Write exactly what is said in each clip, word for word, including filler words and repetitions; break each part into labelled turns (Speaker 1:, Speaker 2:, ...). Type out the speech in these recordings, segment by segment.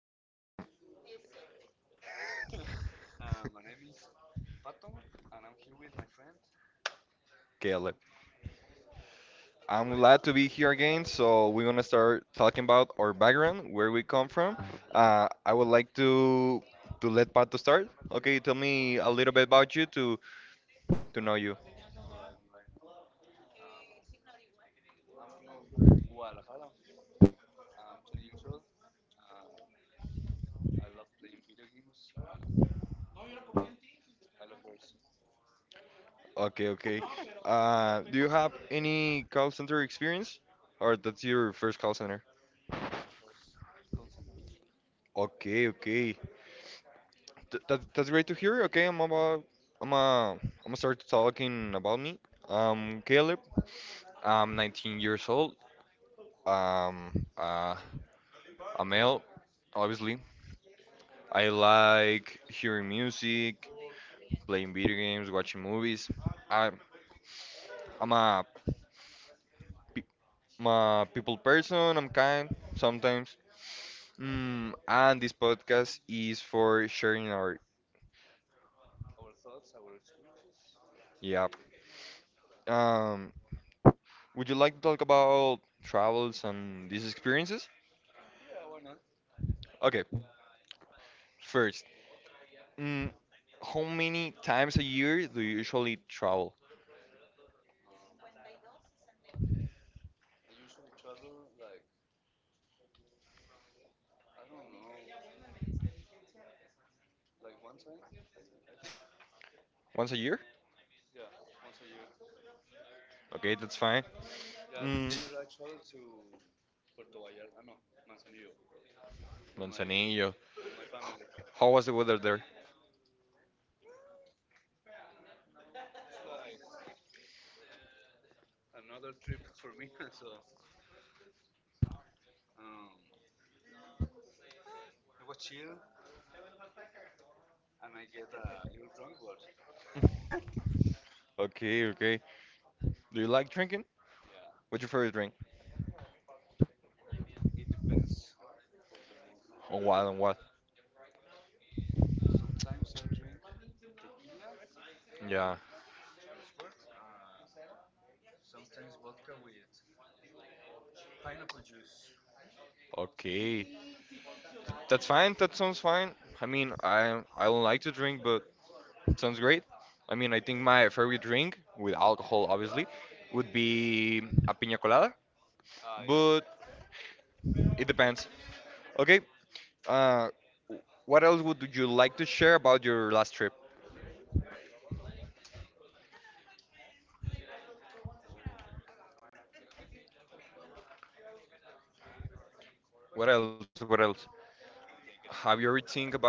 Speaker 1: Hi, fam. Caleb. I'm glad to be here again. So we're gonna start talking about our background, where we come from. Uh, I would like to to let Pato start. Okay, tell me a little bit about you to to know you. Okay, okay. Uh, do you have any call center experience, or that's your first call center? Okay, okay. Th that, that's great to hear. Okay, I'm about I'm uh, I'm gonna start talking about me. Um, Caleb. I'm nineteen years old. Um, uh, A male, obviously. I like hearing music, playing video games, watching movies. I, I'm a, pe- I'm a people person, I'm kind sometimes. Mm, and this podcast is for sharing our. Yeah. Um, would you like to talk about travels and these experiences? Okay, first, mm, how many times a year do you usually travel? Once a year? Okay, that's fine. Mm, Manzanillo. How was the weather there? Okay, okay. Do you like drinking? What's your favorite drink? On what? On what? Yeah. Okay. That's fine. That sounds fine. I mean, I I don't like to drink, but it sounds great. I mean, I think my favorite drink with alcohol, obviously, would be a piña colada, but it depends. Okay. Uh, what else would you like to share about your last trip? What else? What else? Have you ever think about?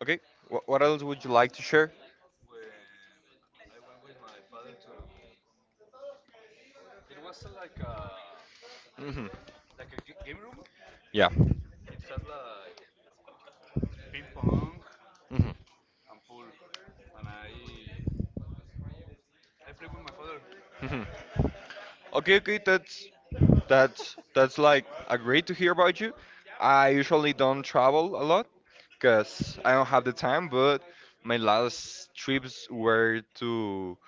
Speaker 1: Okay. What, what else would you like to share?
Speaker 2: It was like a
Speaker 1: Hmm
Speaker 2: like a game room.
Speaker 1: Yeah.
Speaker 2: It has like ping pong
Speaker 1: hmm
Speaker 2: and pool, and I I play with my father.
Speaker 1: hmm Okay, okay, that's that's that's like uh, great to hear about you. I usually don't travel a lot because I don't have the time, but my last trips were to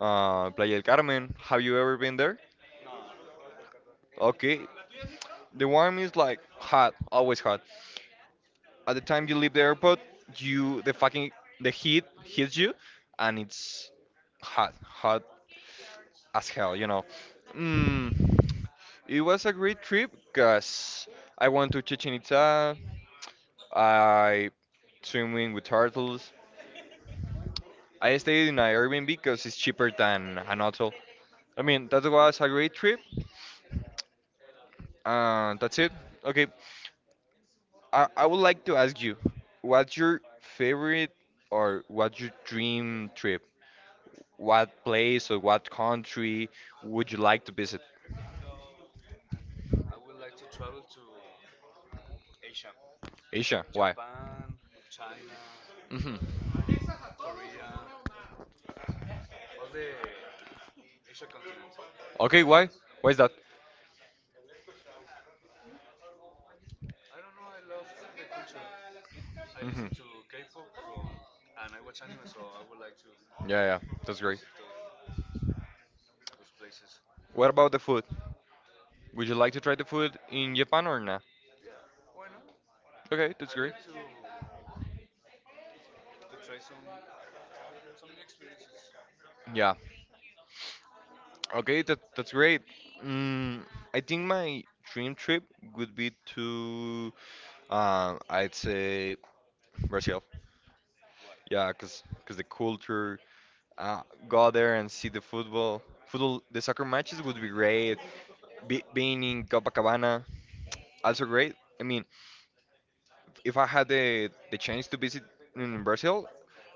Speaker 1: uh, Playa del Carmen. Have you ever been there?
Speaker 2: No, no, no.
Speaker 1: Okay, the warm is like hot,
Speaker 2: Yeah,
Speaker 1: always hot.
Speaker 2: yeah.
Speaker 1: At the time you leave the airport, you the fucking the heat hits you, and it's hot, hot as hell, you know. Mm, it was a great trip because I went to Chichen Itza, I swimming with turtles. I stayed in an Airbnb because it's cheaper than an hotel. I mean, that was a great trip. Uh, that's it. Okay, I, I would like to ask you, what's your favorite or what's your dream trip? What
Speaker 2: Oh.
Speaker 1: place or what country would you like to visit?
Speaker 2: I would like to travel to Asia,
Speaker 1: Asia, why?
Speaker 2: Japan, China,
Speaker 1: Hmm
Speaker 2: um, Korea, all the Asia continent. I would
Speaker 1: Okay,
Speaker 2: like
Speaker 1: why?
Speaker 2: to.
Speaker 1: Why is that?
Speaker 2: I don't know. I love the culture. I
Speaker 1: Hmm
Speaker 2: listen to K-pop, so and I watch anime, so I would like to
Speaker 1: Yeah, yeah, that's
Speaker 2: to
Speaker 1: great.
Speaker 2: visit those those places.
Speaker 1: What about the food? Would you like to try the food in Japan or not?
Speaker 2: Yeah, why not?
Speaker 1: Okay, that's
Speaker 2: I
Speaker 1: great.
Speaker 2: like to to try some some new experiences.
Speaker 1: Yeah. Okay, that that's great. Mm, I think my dream trip would be to, um, I'd say Brazil.
Speaker 2: Why?
Speaker 1: Yeah,
Speaker 2: What?
Speaker 1: cause, 'cause the culture, uh, go there
Speaker 2: Women.
Speaker 1: and see the football, football, the soccer matches would be great. Be, being in Copacabana, also great. I mean, if I had the the chance to visit in Brazil,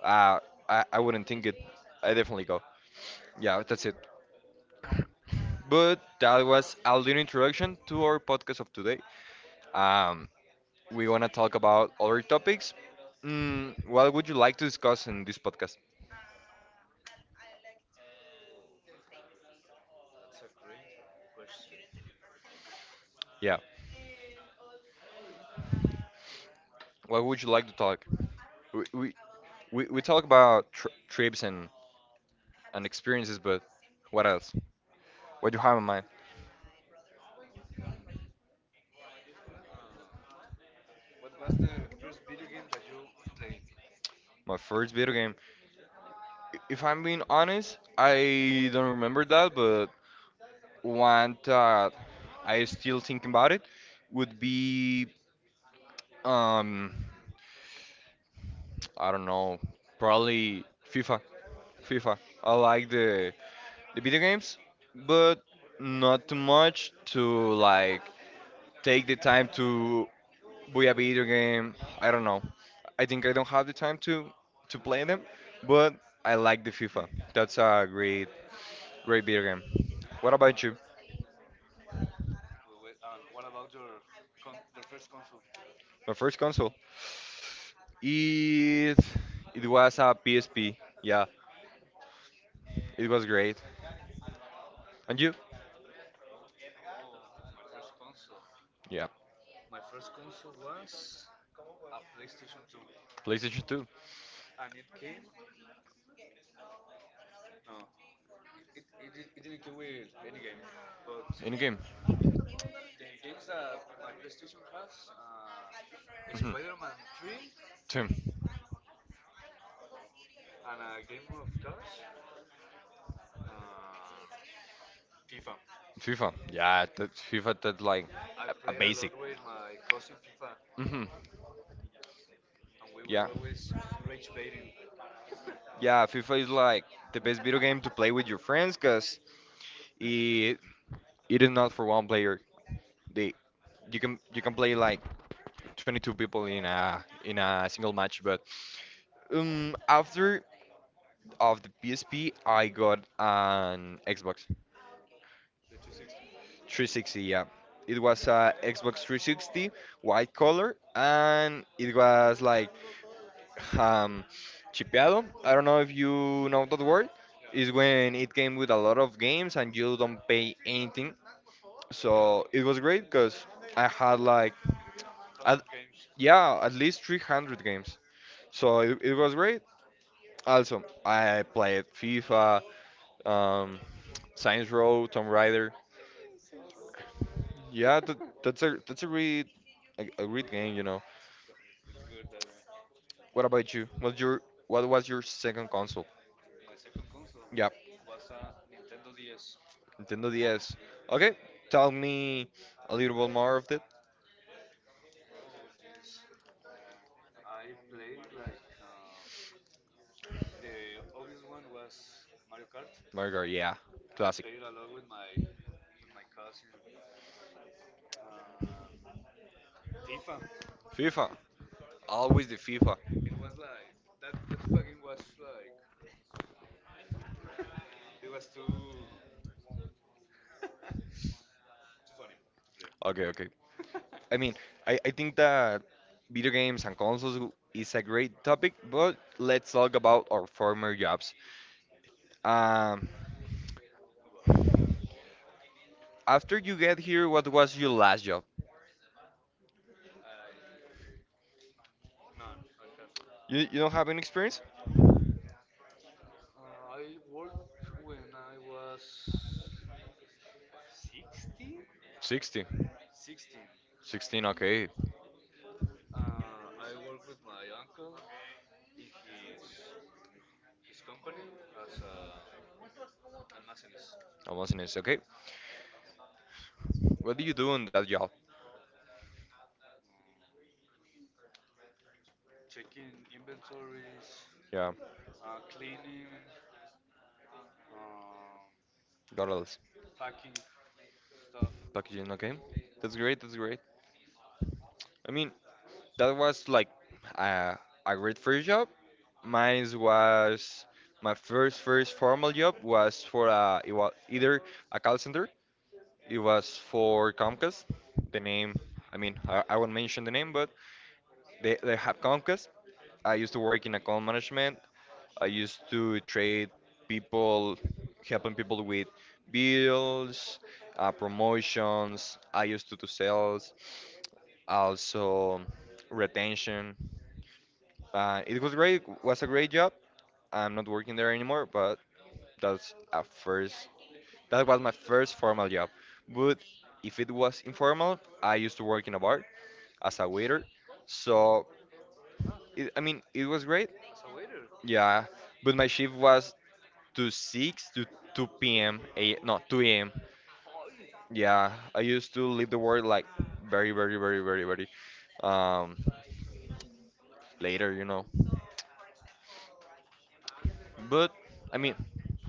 Speaker 1: uh, I I wouldn't think it. I definitely go. Yeah, that's it. But that was a little introduction to our podcast of today. Um, we wanna talk about other topics. Mm, what would you like to discuss in this podcast?
Speaker 2: Oh, that's a great question.
Speaker 1: Yeah,
Speaker 2: Hmm.
Speaker 1: what would you like to talk? We we, we, we talk about tr trips and and experiences, but what else? What do you have in mind?
Speaker 2: Um, what was the first video game that you played?
Speaker 1: My first video game. I- If I'm being honest, I don't remember that, but one that I still think about it would be um I don't know, probably FIFA FIFA. I like the the video games, but not too much to like take the time to buy a video game. I don't know, I think I don't have the time to to play them, but I like the FIFA. That's a great great video game. What about you?
Speaker 2: Uh, wi- wi- and what about your con- your first console?
Speaker 1: My first console. It it was a P S P. Yeah, it was great. And you?
Speaker 2: Oh, my first console.
Speaker 1: Yeah,
Speaker 2: My first console was a PlayStation two,
Speaker 1: PlayStation two.
Speaker 2: and it came, no, it, it, it it didn't come with any game, but
Speaker 1: Any game?
Speaker 2: the games that my playstation has, uh,
Speaker 1: Mhm.
Speaker 2: spider-man three
Speaker 1: Two.
Speaker 2: and a game of cars and fifa.
Speaker 1: FIFA. Yeah, that's
Speaker 2: Yeah,
Speaker 1: FIFA. That's like
Speaker 2: I
Speaker 1: a, a
Speaker 2: played a
Speaker 1: basic.
Speaker 2: lot with my cousin fifa,
Speaker 1: Mhm.
Speaker 2: and we were
Speaker 1: Yeah.
Speaker 2: always rage baiting.
Speaker 1: Yeah, FIFA is like the best video game to play with your friends because it it is not for one player. They you can you can play like twenty-two people in a in a single match. But um, after of the P S P, I got an Xbox
Speaker 2: The two sixty.
Speaker 1: three sixty. Yeah, it was a Xbox three sixty white color, and it was like um, chipeado. I don't know if you know that word.
Speaker 2: Yeah,
Speaker 1: Is when it came with a lot of games and you don't pay
Speaker 2: yeah,
Speaker 1: anything. So
Speaker 2: crackado,
Speaker 1: it was
Speaker 2: yeah.
Speaker 1: great because I had like,
Speaker 2: Tons
Speaker 1: at,
Speaker 2: of games.
Speaker 1: yeah, at least three hundred games. So it, it was great. Also, I played FIFA, um, Saints Row, Tomb Raider.
Speaker 2: Zero.
Speaker 1: Yeah, that, that's a that's a great a, a great game, you know.
Speaker 2: it's, it's good, that one.
Speaker 1: What about you? What's your what was your second console?
Speaker 2: My second console
Speaker 1: Yeah,
Speaker 2: was a Nintendo D S.
Speaker 1: Nintendo D S. Okay, tell me a little bit more of it.
Speaker 2: Oh, jeez. I played like um the obvious one was Mario Kart,
Speaker 1: Mario, Kart, yeah,
Speaker 2: and I
Speaker 1: classic.
Speaker 2: played a lot with my with my cousin. Um, FIFA.
Speaker 1: FIFA, always the FIFA.
Speaker 2: It was like that. That fucking was like, it was too too funny to play.
Speaker 1: Okay, okay. I mean, I, I think that video games and consoles is a great topic, but let's talk about our former jobs. Um,
Speaker 2: Wow.
Speaker 1: After you get here, what was your last job?
Speaker 2: I None. I had none.
Speaker 1: You, you don't have any experience?
Speaker 2: Uh, I worked when I was sixteen?
Speaker 1: sixty.
Speaker 2: sixteen.
Speaker 1: sixteen, okay.
Speaker 2: Uh, I work with my uncle in his his company as a almacenist,
Speaker 1: Almost in it, okay. What do you do in that job?
Speaker 2: um, checking inventories,
Speaker 1: Yeah,
Speaker 2: uh, cleaning, um,
Speaker 1: got all this.
Speaker 2: packing stuff.
Speaker 1: Packaging, okay. That's great, that's great. I mean, that was like uh, a great first job. Mine was my first first formal job was for uh, it was either a call center. It was for Comcast. The name, I mean, I, I won't mention the name, but they, they have Comcast. I used to work in account management. I used to trade people, helping people with bills, uh, promotions. I used to do sales, also retention. Uh, it was great. Was a great job. I'm not working there anymore, but that's a first. That was my first formal job. But if it was informal, I used to work in a bar as a waiter. So
Speaker 2: Ah,
Speaker 1: it, I mean, it was great.
Speaker 2: as a waiter.
Speaker 1: Yeah, but my shift was to six to two p m. A, no, two a m.
Speaker 2: Hi.
Speaker 1: Yeah, I used to leave the work like very, very, very, very, very um later, you know.
Speaker 2: Yeah.
Speaker 1: But I mean,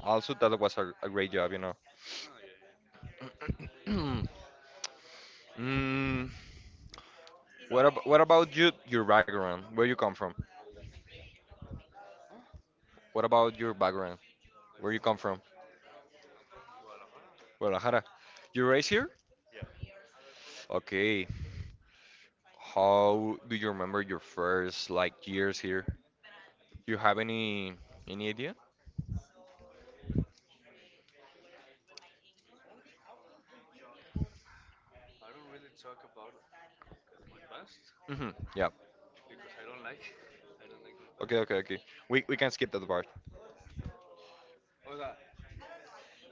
Speaker 1: also that was a, a great job, you know.
Speaker 2: Oh, yeah, yeah.
Speaker 1: mm, what ab what about you? Your background? Where you come from?
Speaker 2: Oh,
Speaker 1: What about your background?
Speaker 2: my
Speaker 1: Where you come
Speaker 2: background.
Speaker 1: from?
Speaker 2: I'm from Guadalajara.
Speaker 1: Guadalajara. You raised here?
Speaker 2: Yeah.
Speaker 1: Okay. How do you remember your first like years here? You have any any idea?
Speaker 2: Mm. I don't really talk about my past
Speaker 1: Mm-hmm. Yeah.
Speaker 2: because I don't like, I don't like my past.
Speaker 1: Okay, okay, okay. We we can skip that part.
Speaker 2: Yeah. O sea,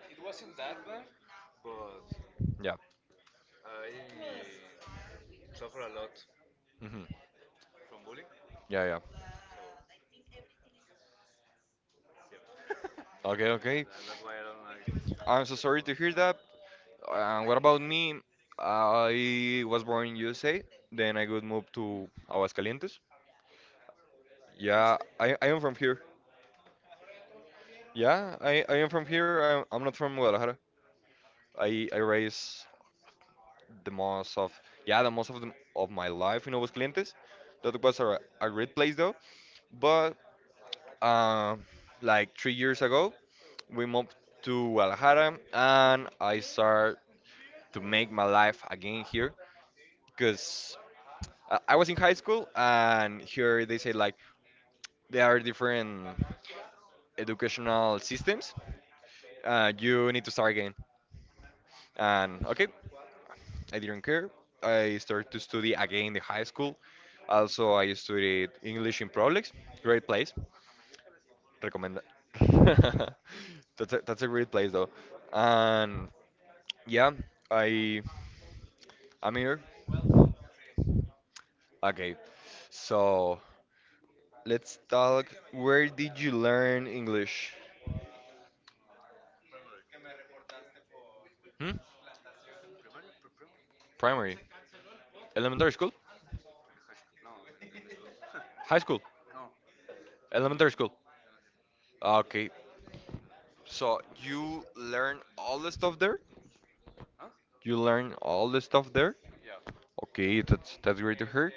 Speaker 2: it wasn't that bad, but
Speaker 1: Yeah.
Speaker 2: I suffer a lot
Speaker 1: hmm
Speaker 2: from bullying.
Speaker 1: Yeah, yeah.
Speaker 2: So, yeah.
Speaker 1: Okay,
Speaker 2: Yeah,
Speaker 1: okay.
Speaker 2: that, that's why I don't like
Speaker 1: I'm so
Speaker 2: talk
Speaker 1: sorry
Speaker 2: about
Speaker 1: to hear that.
Speaker 2: my past.
Speaker 1: Uh, what about me? I was born in U S A, then I would move to Aguascalientes.
Speaker 2: You
Speaker 1: Yeah,
Speaker 2: see?
Speaker 1: I, I am from here. Yeah, I, I am from here. I'm, I'm not from Guadalajara. I, I raised the most of yeah the most of the, of my life in Aguascalientes. That was a, a great place though. But um, like three years ago, we moved to Guadalajara and I started to make my life again here because I was in high school and here they say like there are different educational systems. Uh, you need to start again.
Speaker 2: Yeah,
Speaker 1: And
Speaker 2: that's
Speaker 1: okay,
Speaker 2: true.
Speaker 1: I didn't care. I started to study again in the high school. Also, I studied English in Prolex. Great place. Recommend that. That's a, that's a great place though. And yeah, I I'm here. Okay, so let's talk. Where did you learn English?
Speaker 2: Um, primary.
Speaker 1: Hmm?
Speaker 2: Primaria? Pre primary?
Speaker 1: Primary,
Speaker 2: Yeah.
Speaker 1: elementary school,
Speaker 2: In the high school. No, in, in the school.
Speaker 1: high school,
Speaker 2: No,
Speaker 1: elementary
Speaker 2: in
Speaker 1: school.
Speaker 2: yeah, yeah, under school.
Speaker 1: Okay,
Speaker 2: Yeah,
Speaker 1: so you
Speaker 2: I'm
Speaker 1: learn
Speaker 2: at
Speaker 1: all
Speaker 2: U P N.
Speaker 1: the stuff there?
Speaker 2: Huh?
Speaker 1: You learn all the stuff there?
Speaker 2: Yeah,
Speaker 1: Okay, that's that's great to hear.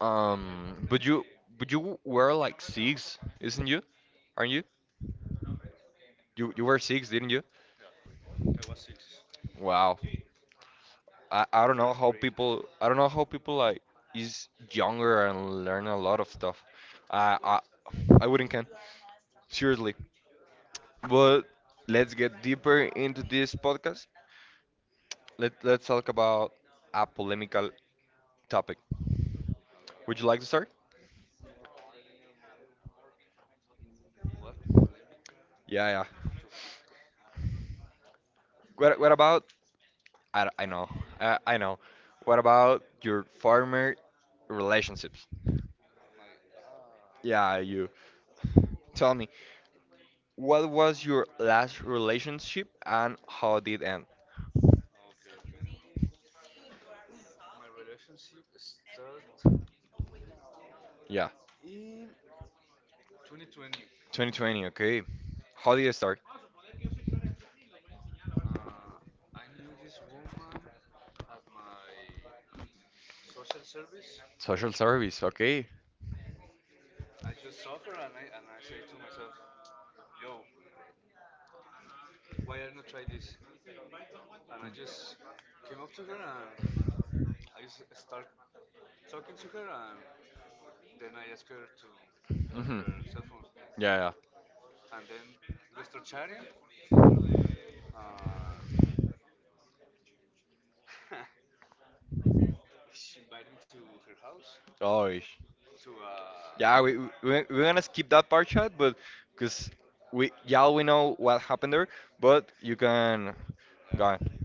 Speaker 1: Um, but you but you were like six, isn't you? Aren't you? You you were six, didn't you?
Speaker 2: yeah. I was six
Speaker 1: Wow. I,
Speaker 2: in
Speaker 1: I don't know
Speaker 2: first
Speaker 1: how
Speaker 2: grade.
Speaker 1: people I don't know how people like is younger and learn a lot of stuff. I I I wouldn't can seriously. But let's get deeper into this podcast. Let let's talk about a polemical topic.
Speaker 2: A
Speaker 1: Would you
Speaker 2: ver,
Speaker 1: like to start?
Speaker 2: a ver, a ver. What polemical
Speaker 1: Yeah, yeah.
Speaker 2: topic?
Speaker 1: What what about I, I know I, I know. What about your farmer relationships?
Speaker 2: My ah.
Speaker 1: Yeah, you. Tell me, what was your last relationship and how did it end?
Speaker 2: Okay, okay. Um, my relationship start
Speaker 1: Yeah.
Speaker 2: in twenty twenty.
Speaker 1: twenty twenty, okay. How did you start?
Speaker 2: Uh, I knew this woman at my social service.
Speaker 1: Social service, okay.
Speaker 2: I just saw her and I and I said to myself, "Yo, why I not try this?" And I just came up to her and I just start talking to her, and then I asked her to give me
Speaker 1: hmm
Speaker 2: her cell phone,
Speaker 1: Yeah, yeah.
Speaker 2: and then we start chatting, and she invited me to her house
Speaker 1: Oh, always.
Speaker 2: to uh
Speaker 1: Yeah, we, we we- we're gonna skip that part chat, but because we y'all we know what happened there, but you can go
Speaker 2: yeah,
Speaker 1: on.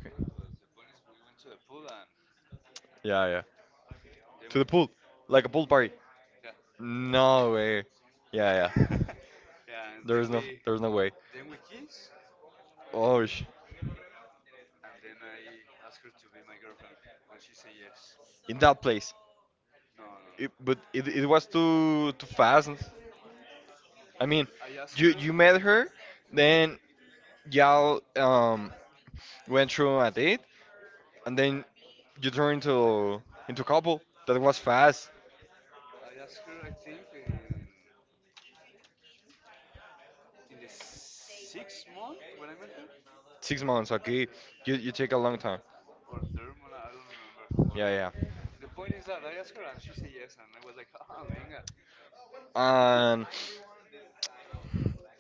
Speaker 1: Okay.
Speaker 2: uh, but the point is we went to the pool and
Speaker 1: Yeah, yeah.
Speaker 2: then
Speaker 1: To the
Speaker 2: we,
Speaker 1: pool, like a pool party.
Speaker 2: yeah,
Speaker 1: No way. Yeah, yeah.
Speaker 2: yeah, and then
Speaker 1: There's no
Speaker 2: we
Speaker 1: there's no way.
Speaker 2: then we kiss
Speaker 1: Oh, sh-
Speaker 2: And then I asked her to be my girlfriend, and she said yes.
Speaker 1: in that place.
Speaker 2: No, no,
Speaker 1: It,
Speaker 2: no.
Speaker 1: but it, it was too too fast. I mean,
Speaker 2: I asked
Speaker 1: you
Speaker 2: her.
Speaker 1: you met her, then y'all um went through a date, and then you turn into into a couple. That was fast.
Speaker 2: I asked her. I think in in the sixth month when I met her,
Speaker 1: Six months, okay.
Speaker 2: yeah,
Speaker 1: You you take a long time.
Speaker 2: or third month. I don't remember. But
Speaker 1: Yeah,
Speaker 2: uh,
Speaker 1: yeah.
Speaker 2: the point is that I asked her, and she said yes, and I was like, ah, venga.
Speaker 1: And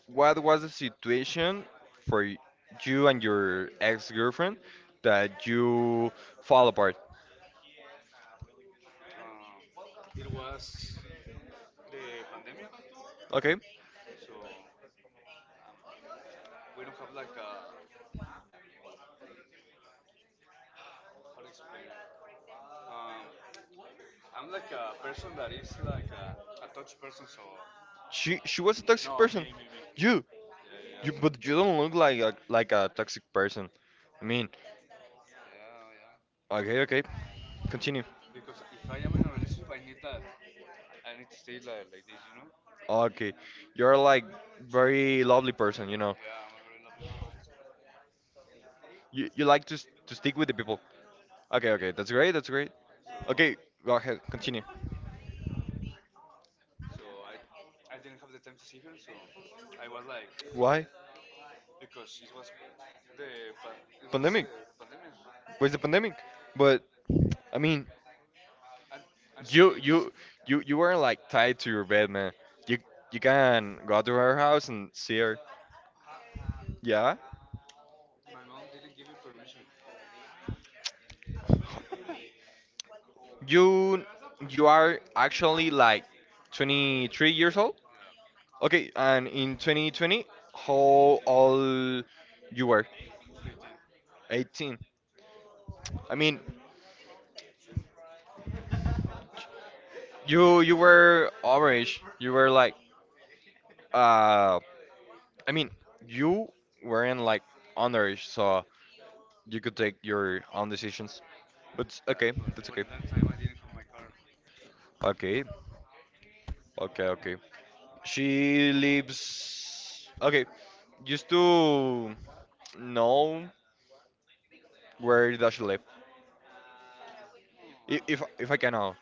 Speaker 1: what was the situation for y- you and your ex-girlfriend that you fall apart?
Speaker 2: Um, it was the pandemic,
Speaker 1: Okay.
Speaker 2: so, um, we don't have like a how to explain it. Um, I'm like a person that is like a, a touch person, so
Speaker 1: She she was a toxic
Speaker 2: no,
Speaker 1: person.
Speaker 2: me, me, me, me.
Speaker 1: You
Speaker 2: Yeah, yeah,
Speaker 1: you
Speaker 2: yes.
Speaker 1: but you don't look like a like a toxic person. I mean,
Speaker 2: Yeah, I am.
Speaker 1: okay, okay. Continue.
Speaker 2: Because if I am in a relationship, I need that. I I need to stay like, like this, you know.
Speaker 1: Okay. You're like very lovely person, you know.
Speaker 2: Yeah, I'm a very lovely person, so
Speaker 1: You you like to s- to stick with the people. Okay, okay. That's great. That's great.
Speaker 2: so
Speaker 1: Okay, go ahead. Continue.
Speaker 2: so I I didn't have the time to see her, so I was like,
Speaker 1: Why?
Speaker 2: because it was the pa- it was
Speaker 1: Pandemic.
Speaker 2: the, the pandemic,
Speaker 1: Where's the pandemic? But I mean,
Speaker 2: and and she
Speaker 1: you
Speaker 2: lives.
Speaker 1: you you you weren't like tied to your bed, man. You you can go to her house and see her.
Speaker 2: No,
Speaker 1: Yeah.
Speaker 2: my mom didn't give me permission.
Speaker 1: You you are actually like twenty-three years old.
Speaker 2: Yeah,
Speaker 1: Okay, and in twenty twenty, how old you were?
Speaker 2: eighteen.
Speaker 1: eighteen. I mean, you you were average. You were like, uh, I mean, you weren't like underage, so you could take your own decisions. But it's
Speaker 2: Uh,
Speaker 1: okay,
Speaker 2: but
Speaker 1: that's
Speaker 2: but
Speaker 1: okay.
Speaker 2: in that time I didn't have my car, so
Speaker 1: Okay, okay, okay. She lives. Okay, used to know where does she live? I- If
Speaker 2: no.
Speaker 1: if I can know.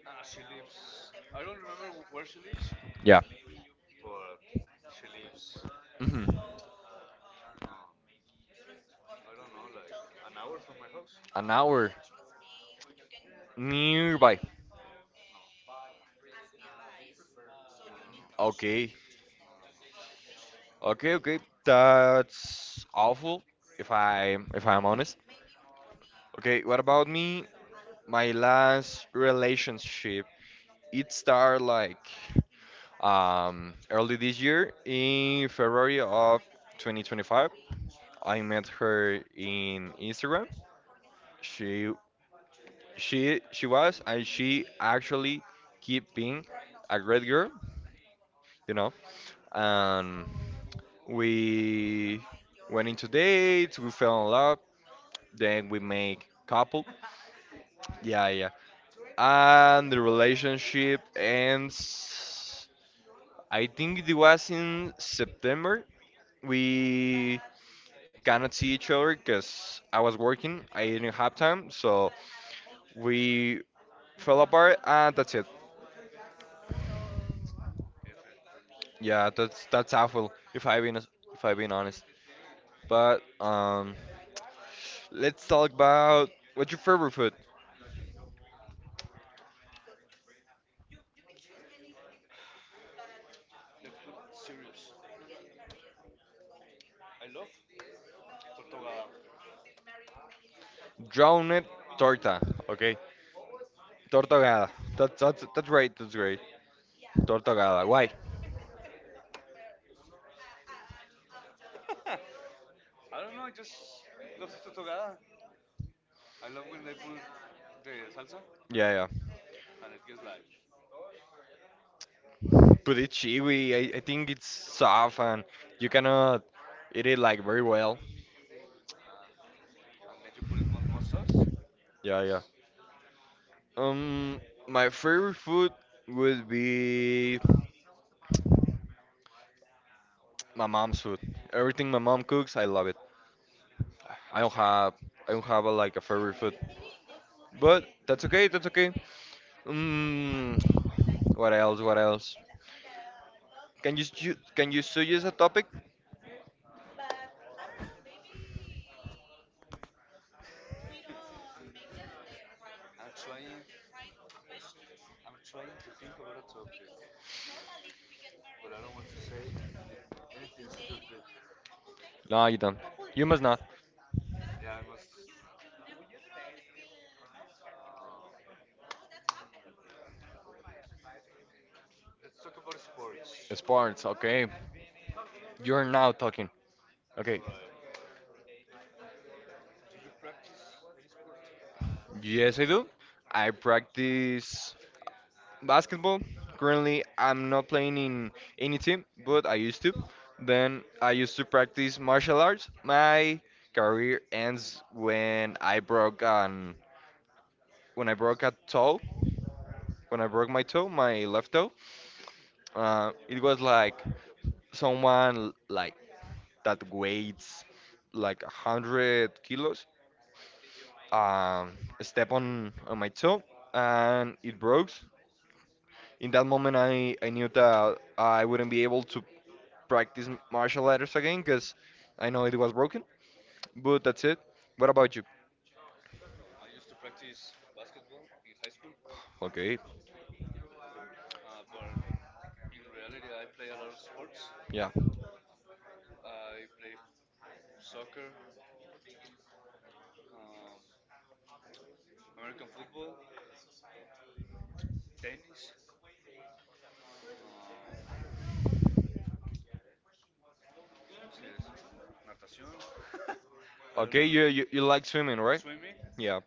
Speaker 2: Nah, she lives. I don't remember wh- where she lives,
Speaker 1: Yeah.
Speaker 2: but she lives.
Speaker 1: Hmm.
Speaker 2: Um, I don't know, like an hour from my house.
Speaker 1: An hour. Nearby.
Speaker 2: No, no, no, no,
Speaker 1: Okay.
Speaker 2: no, no, no.
Speaker 1: Okay, okay. That's awful if I if I'm honest. Okay, what about me? My last relationship. It started like um early this year in February of twenty twenty-five. I met her in Instagram. She she she was, and she actually keep being a great girl, you know. Um, we went into dates, we fell in love, then we make couple. Yeah, yeah. And the relationship ends. I think it was in September. We cannot see each other because I was working. I didn't have time, so we fell apart, and that's it.
Speaker 2: F M.
Speaker 1: Yeah, that's that's awful. If I've been if I've been honest, but um, let's talk about what's your favorite food.
Speaker 2: Let's put it serious. I love tortogada.
Speaker 1: Drowned torta. Okay. Tortogada. That's that's that's right. That's great. Tortogada. Why?
Speaker 2: I don't know. I just love the tortogada. I love when they put the salsa,
Speaker 1: Yeah, yeah.
Speaker 2: and and it gets like,
Speaker 1: But it's chewy. I, I think it's soft and you cannot eat it like very well.
Speaker 2: nah. And then you put it more, more sauce, and
Speaker 1: Yeah, yeah.
Speaker 2: it's.
Speaker 1: Um, my favorite food would be my mom's food. Everything my mom cooks, I love it.
Speaker 2: Ah,
Speaker 1: I don't
Speaker 2: same,
Speaker 1: have I don't have
Speaker 2: same.
Speaker 1: a, like a favorite food, but that's okay. That's okay. Um, what else? What else? Can you s- you- can you still use a topic?
Speaker 2: Uh, I'm trying. I'm trying to think about a topic, but I don't want to say anything stupid.
Speaker 1: No, you don't. You must not.
Speaker 2: Yeah, I must not. Um, hmm, let's talk about sports.
Speaker 1: Sports, okay. You're
Speaker 2: Yeah.
Speaker 1: now talking.
Speaker 2: All
Speaker 1: Okay.
Speaker 2: right. Do you practice any sport?
Speaker 1: Yes, I do. I practice basketball. Currently, I'm not playing in any team, but I used to. Then I used to practice martial arts. My career ends when I broke an when I broke a toe. When I broke my toe, my left toe. Uh, it was like someone like that weighs like a hundred kilos, um, step on, on my toe and it broke. In that moment, I, I knew that I wouldn't be able to practice martial arts again because I know it was broken. But that's it. What about you?
Speaker 2: Um, I used to practice basketball in high school,
Speaker 1: Okay,
Speaker 2: uh, but in reality, I play a lot of sports.
Speaker 1: yeah.
Speaker 2: I play soccer, um, American football, tennis. Um, ¿Cómo se decía? Natación. I don't
Speaker 1: Okay, you,
Speaker 2: remember.
Speaker 1: you, you like swimming, right?
Speaker 2: Swimming.
Speaker 1: Yeah,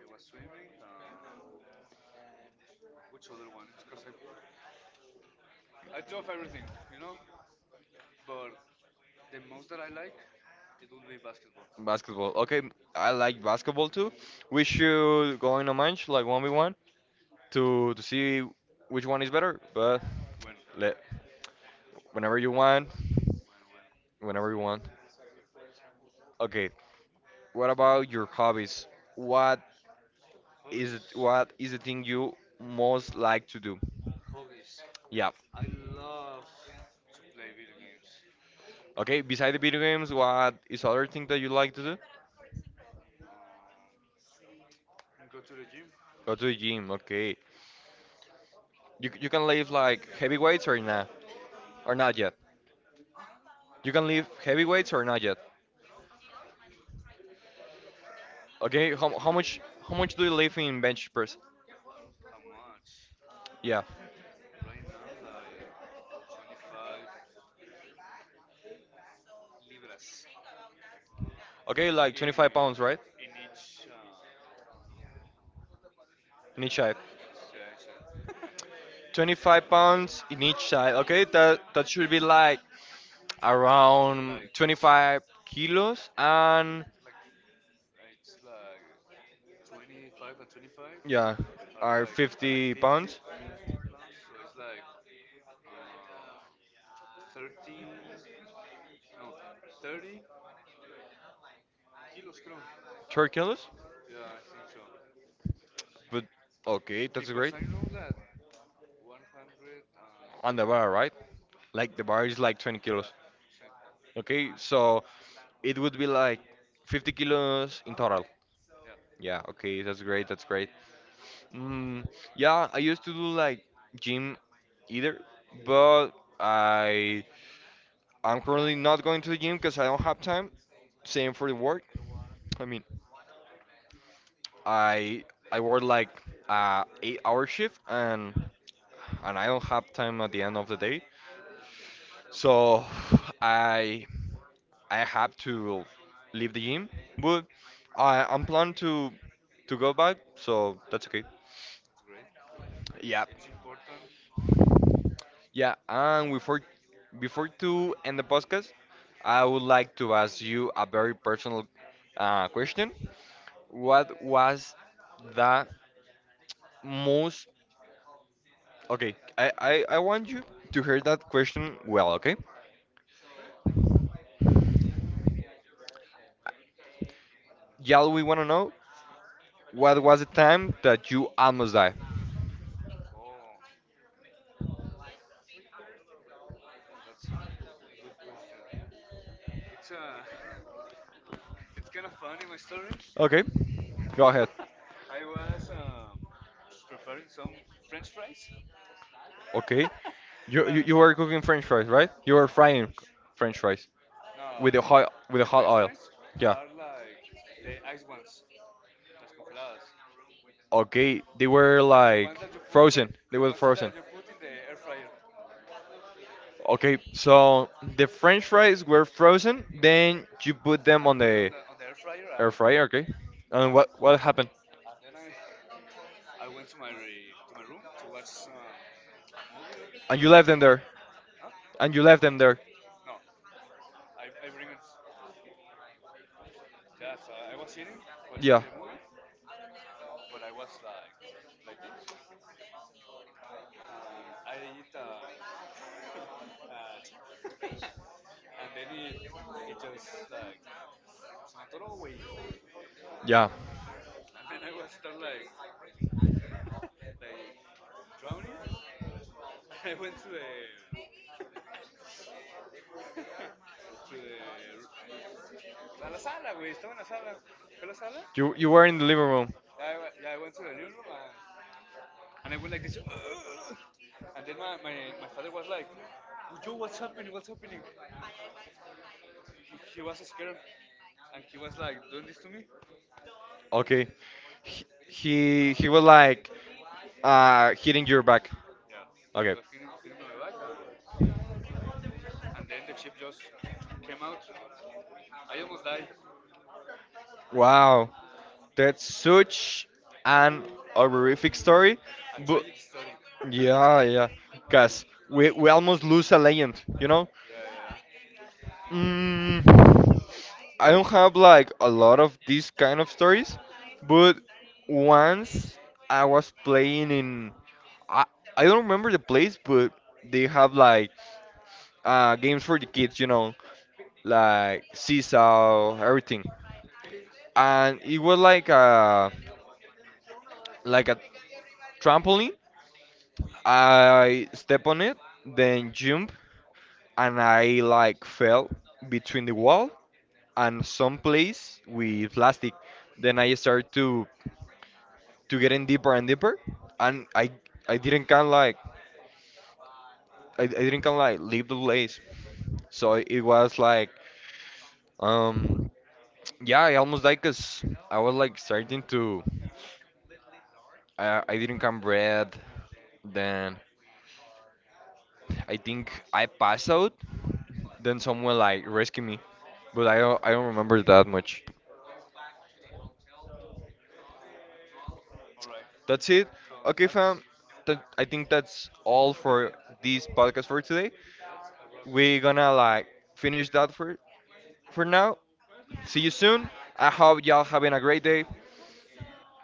Speaker 2: It was swimming. Um, which other one? It's because I, I do of everything, you know. But the most that I like, it will be basketball.
Speaker 1: basketball. Okay, I like basketball too. We should go in a match like one v one to to see which one is better. But
Speaker 2: When,
Speaker 1: let whenever you want,
Speaker 2: when, when.
Speaker 1: whenever you want. Okay, what about your hobbies? What is it,
Speaker 2: Hobbies,
Speaker 1: what is the thing you most like to do?
Speaker 2: hobbies.
Speaker 1: Yeah.
Speaker 2: I love to play video games.
Speaker 1: Okay, beside the video games, what is other thing that you like to do?
Speaker 2: Um, Go to the gym.
Speaker 1: Go to the gym, okay. You, you can lift like heavy weights or not? Or not yet?
Speaker 2: Yeah.
Speaker 1: You can lift heavy weights or not yet? Okay, how, how much how much do you lift in bench press?
Speaker 2: How much?
Speaker 1: Yeah.
Speaker 2: Right now, like twenty-five libras.
Speaker 1: Okay, like 25
Speaker 2: in
Speaker 1: pounds, right?
Speaker 2: in each um
Speaker 1: In each side.
Speaker 2: it's uh, it's a,
Speaker 1: 25 pounds in each side. Okay, that that should be like around
Speaker 2: like it's,
Speaker 1: twenty-five kilos.
Speaker 2: you know it's,
Speaker 1: And
Speaker 2: it's like, f- it's like 25 and 25,
Speaker 1: yeah,
Speaker 2: are
Speaker 1: are 50
Speaker 2: like are like
Speaker 1: fifty
Speaker 2: fifty
Speaker 1: pounds,
Speaker 2: fifty pounds, so it's like, um thirty, no, thirty kilos, creo.
Speaker 1: three kilos.
Speaker 2: Yeah, I think so,
Speaker 1: But okay, that's
Speaker 2: because
Speaker 1: great.
Speaker 2: I know that
Speaker 1: On the
Speaker 2: one hundred thirty,
Speaker 1: bar, right? Like the bar is like twenty kilos.
Speaker 2: yeah, so,
Speaker 1: Okay, so it would be like fifty kilos in total.
Speaker 2: yeah.
Speaker 1: Yeah, okay, that's great, that's great. Mm, yeah, I used to do like gym either, but I I'm currently not going to the gym because I don't have time. Same for the work. I mean, I I work like uh, eight hour shift and and I don't have time at the end of the day. So I I have to leave the gym. But I I'm planning to to go back, so that's okay.
Speaker 2: Mm, that's great,
Speaker 1: Yeah.
Speaker 2: it's important.
Speaker 1: Yeah, and before before to end the podcast, I would like to ask you a very personal uh, question. What was the most? Okay, I, I, I want you to hear that question well, okay? Y'all, we want to know what was the time that you almost died?
Speaker 2: That's a good question. It's a it's kind of funny, my story.
Speaker 1: Okay, go ahead.
Speaker 2: I was um, preparing some French fries.
Speaker 1: Okay, you, you,
Speaker 2: Uh,
Speaker 1: you were cooking French fries, right? You were frying French
Speaker 2: yeah.
Speaker 1: fries
Speaker 2: No,
Speaker 1: with the
Speaker 2: I,
Speaker 1: hot with the
Speaker 2: the
Speaker 1: hot
Speaker 2: French
Speaker 1: oil.
Speaker 2: fries
Speaker 1: Yeah.
Speaker 2: are like the ice ones, las congeladas.
Speaker 1: Okay, they were
Speaker 2: The, the
Speaker 1: like
Speaker 2: ones that you put, uh,
Speaker 1: frozen. They
Speaker 2: the
Speaker 1: were
Speaker 2: ones
Speaker 1: frozen.
Speaker 2: that you put in the air fryer.
Speaker 1: Okay, so the French fries were frozen.
Speaker 2: Yeah.
Speaker 1: Then you put them
Speaker 2: I
Speaker 1: on
Speaker 2: put it on
Speaker 1: the
Speaker 2: the on the air fryer,
Speaker 1: air
Speaker 2: and
Speaker 1: fryer. Okay,
Speaker 2: yeah,
Speaker 1: and what what happened?
Speaker 2: and then I I went to my to my room to watch um, a movie. I
Speaker 1: And you
Speaker 2: don't.
Speaker 1: left them there.
Speaker 2: Huh?
Speaker 1: And you left them there.
Speaker 2: No. I, I bring not just uh, I was sitting watching
Speaker 1: Yeah.
Speaker 2: the movie, but I was like like this, and I eat a, a chip, and then it it just like se me atoró, güey,
Speaker 1: Yeah.
Speaker 2: and then I was start like like drowning, and I went to the to the, a la sala, güey, estaba en la sala, fue a la sala,
Speaker 1: You you were in the living room.
Speaker 2: yeah, I, we- yeah, I went to the living room, and and I went like this, "Ugh." And then my, my, my father was like, "Oh, Yo, what's happening? What's happening?" And he, he was scared, and he was like doing this to me.
Speaker 1: Okay. He he, he was like uh hitting your back.
Speaker 2: Yeah, he
Speaker 1: Okay.
Speaker 2: was hitting, hitting my back, and and then the chip just came out. I almost died.
Speaker 1: Wow. That's such an horrific story.
Speaker 2: A
Speaker 1: But
Speaker 2: tragic story.
Speaker 1: yeah, yeah.
Speaker 2: Oh,
Speaker 1: Cause we we almost lose a legend, you know?
Speaker 2: yeah, yeah.
Speaker 1: Mm, I don't have like a lot of these kind of stories,
Speaker 2: Yeah.
Speaker 1: but once I was playing in I I don't remember the place, but they have like uh games for the kids, you know, like seesaw, everything. And it was like a like a trampoline. I step on it, then jump, and I like fell between the wall and some place with plastic. Then I start to to get in deeper and deeper, and I I didn't kind of like I, I didn't kind of like leave the place, so it was like um yeah I almost died 'cause I was like starting to I I didn't can breathe, then I think I passed out, then someone like rescued me, but I don't, I don't remember that much.
Speaker 2: All right.
Speaker 1: That's it.
Speaker 2: So
Speaker 1: Okay
Speaker 2: that's
Speaker 1: fam, that, I think that's all for this podcast for today.
Speaker 2: that's a wrap.
Speaker 1: We're gonna like finish that for for now. See you soon. I hope y'all having a great day.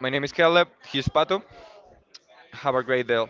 Speaker 1: My name is Caleb. He's Pato. Have a great day.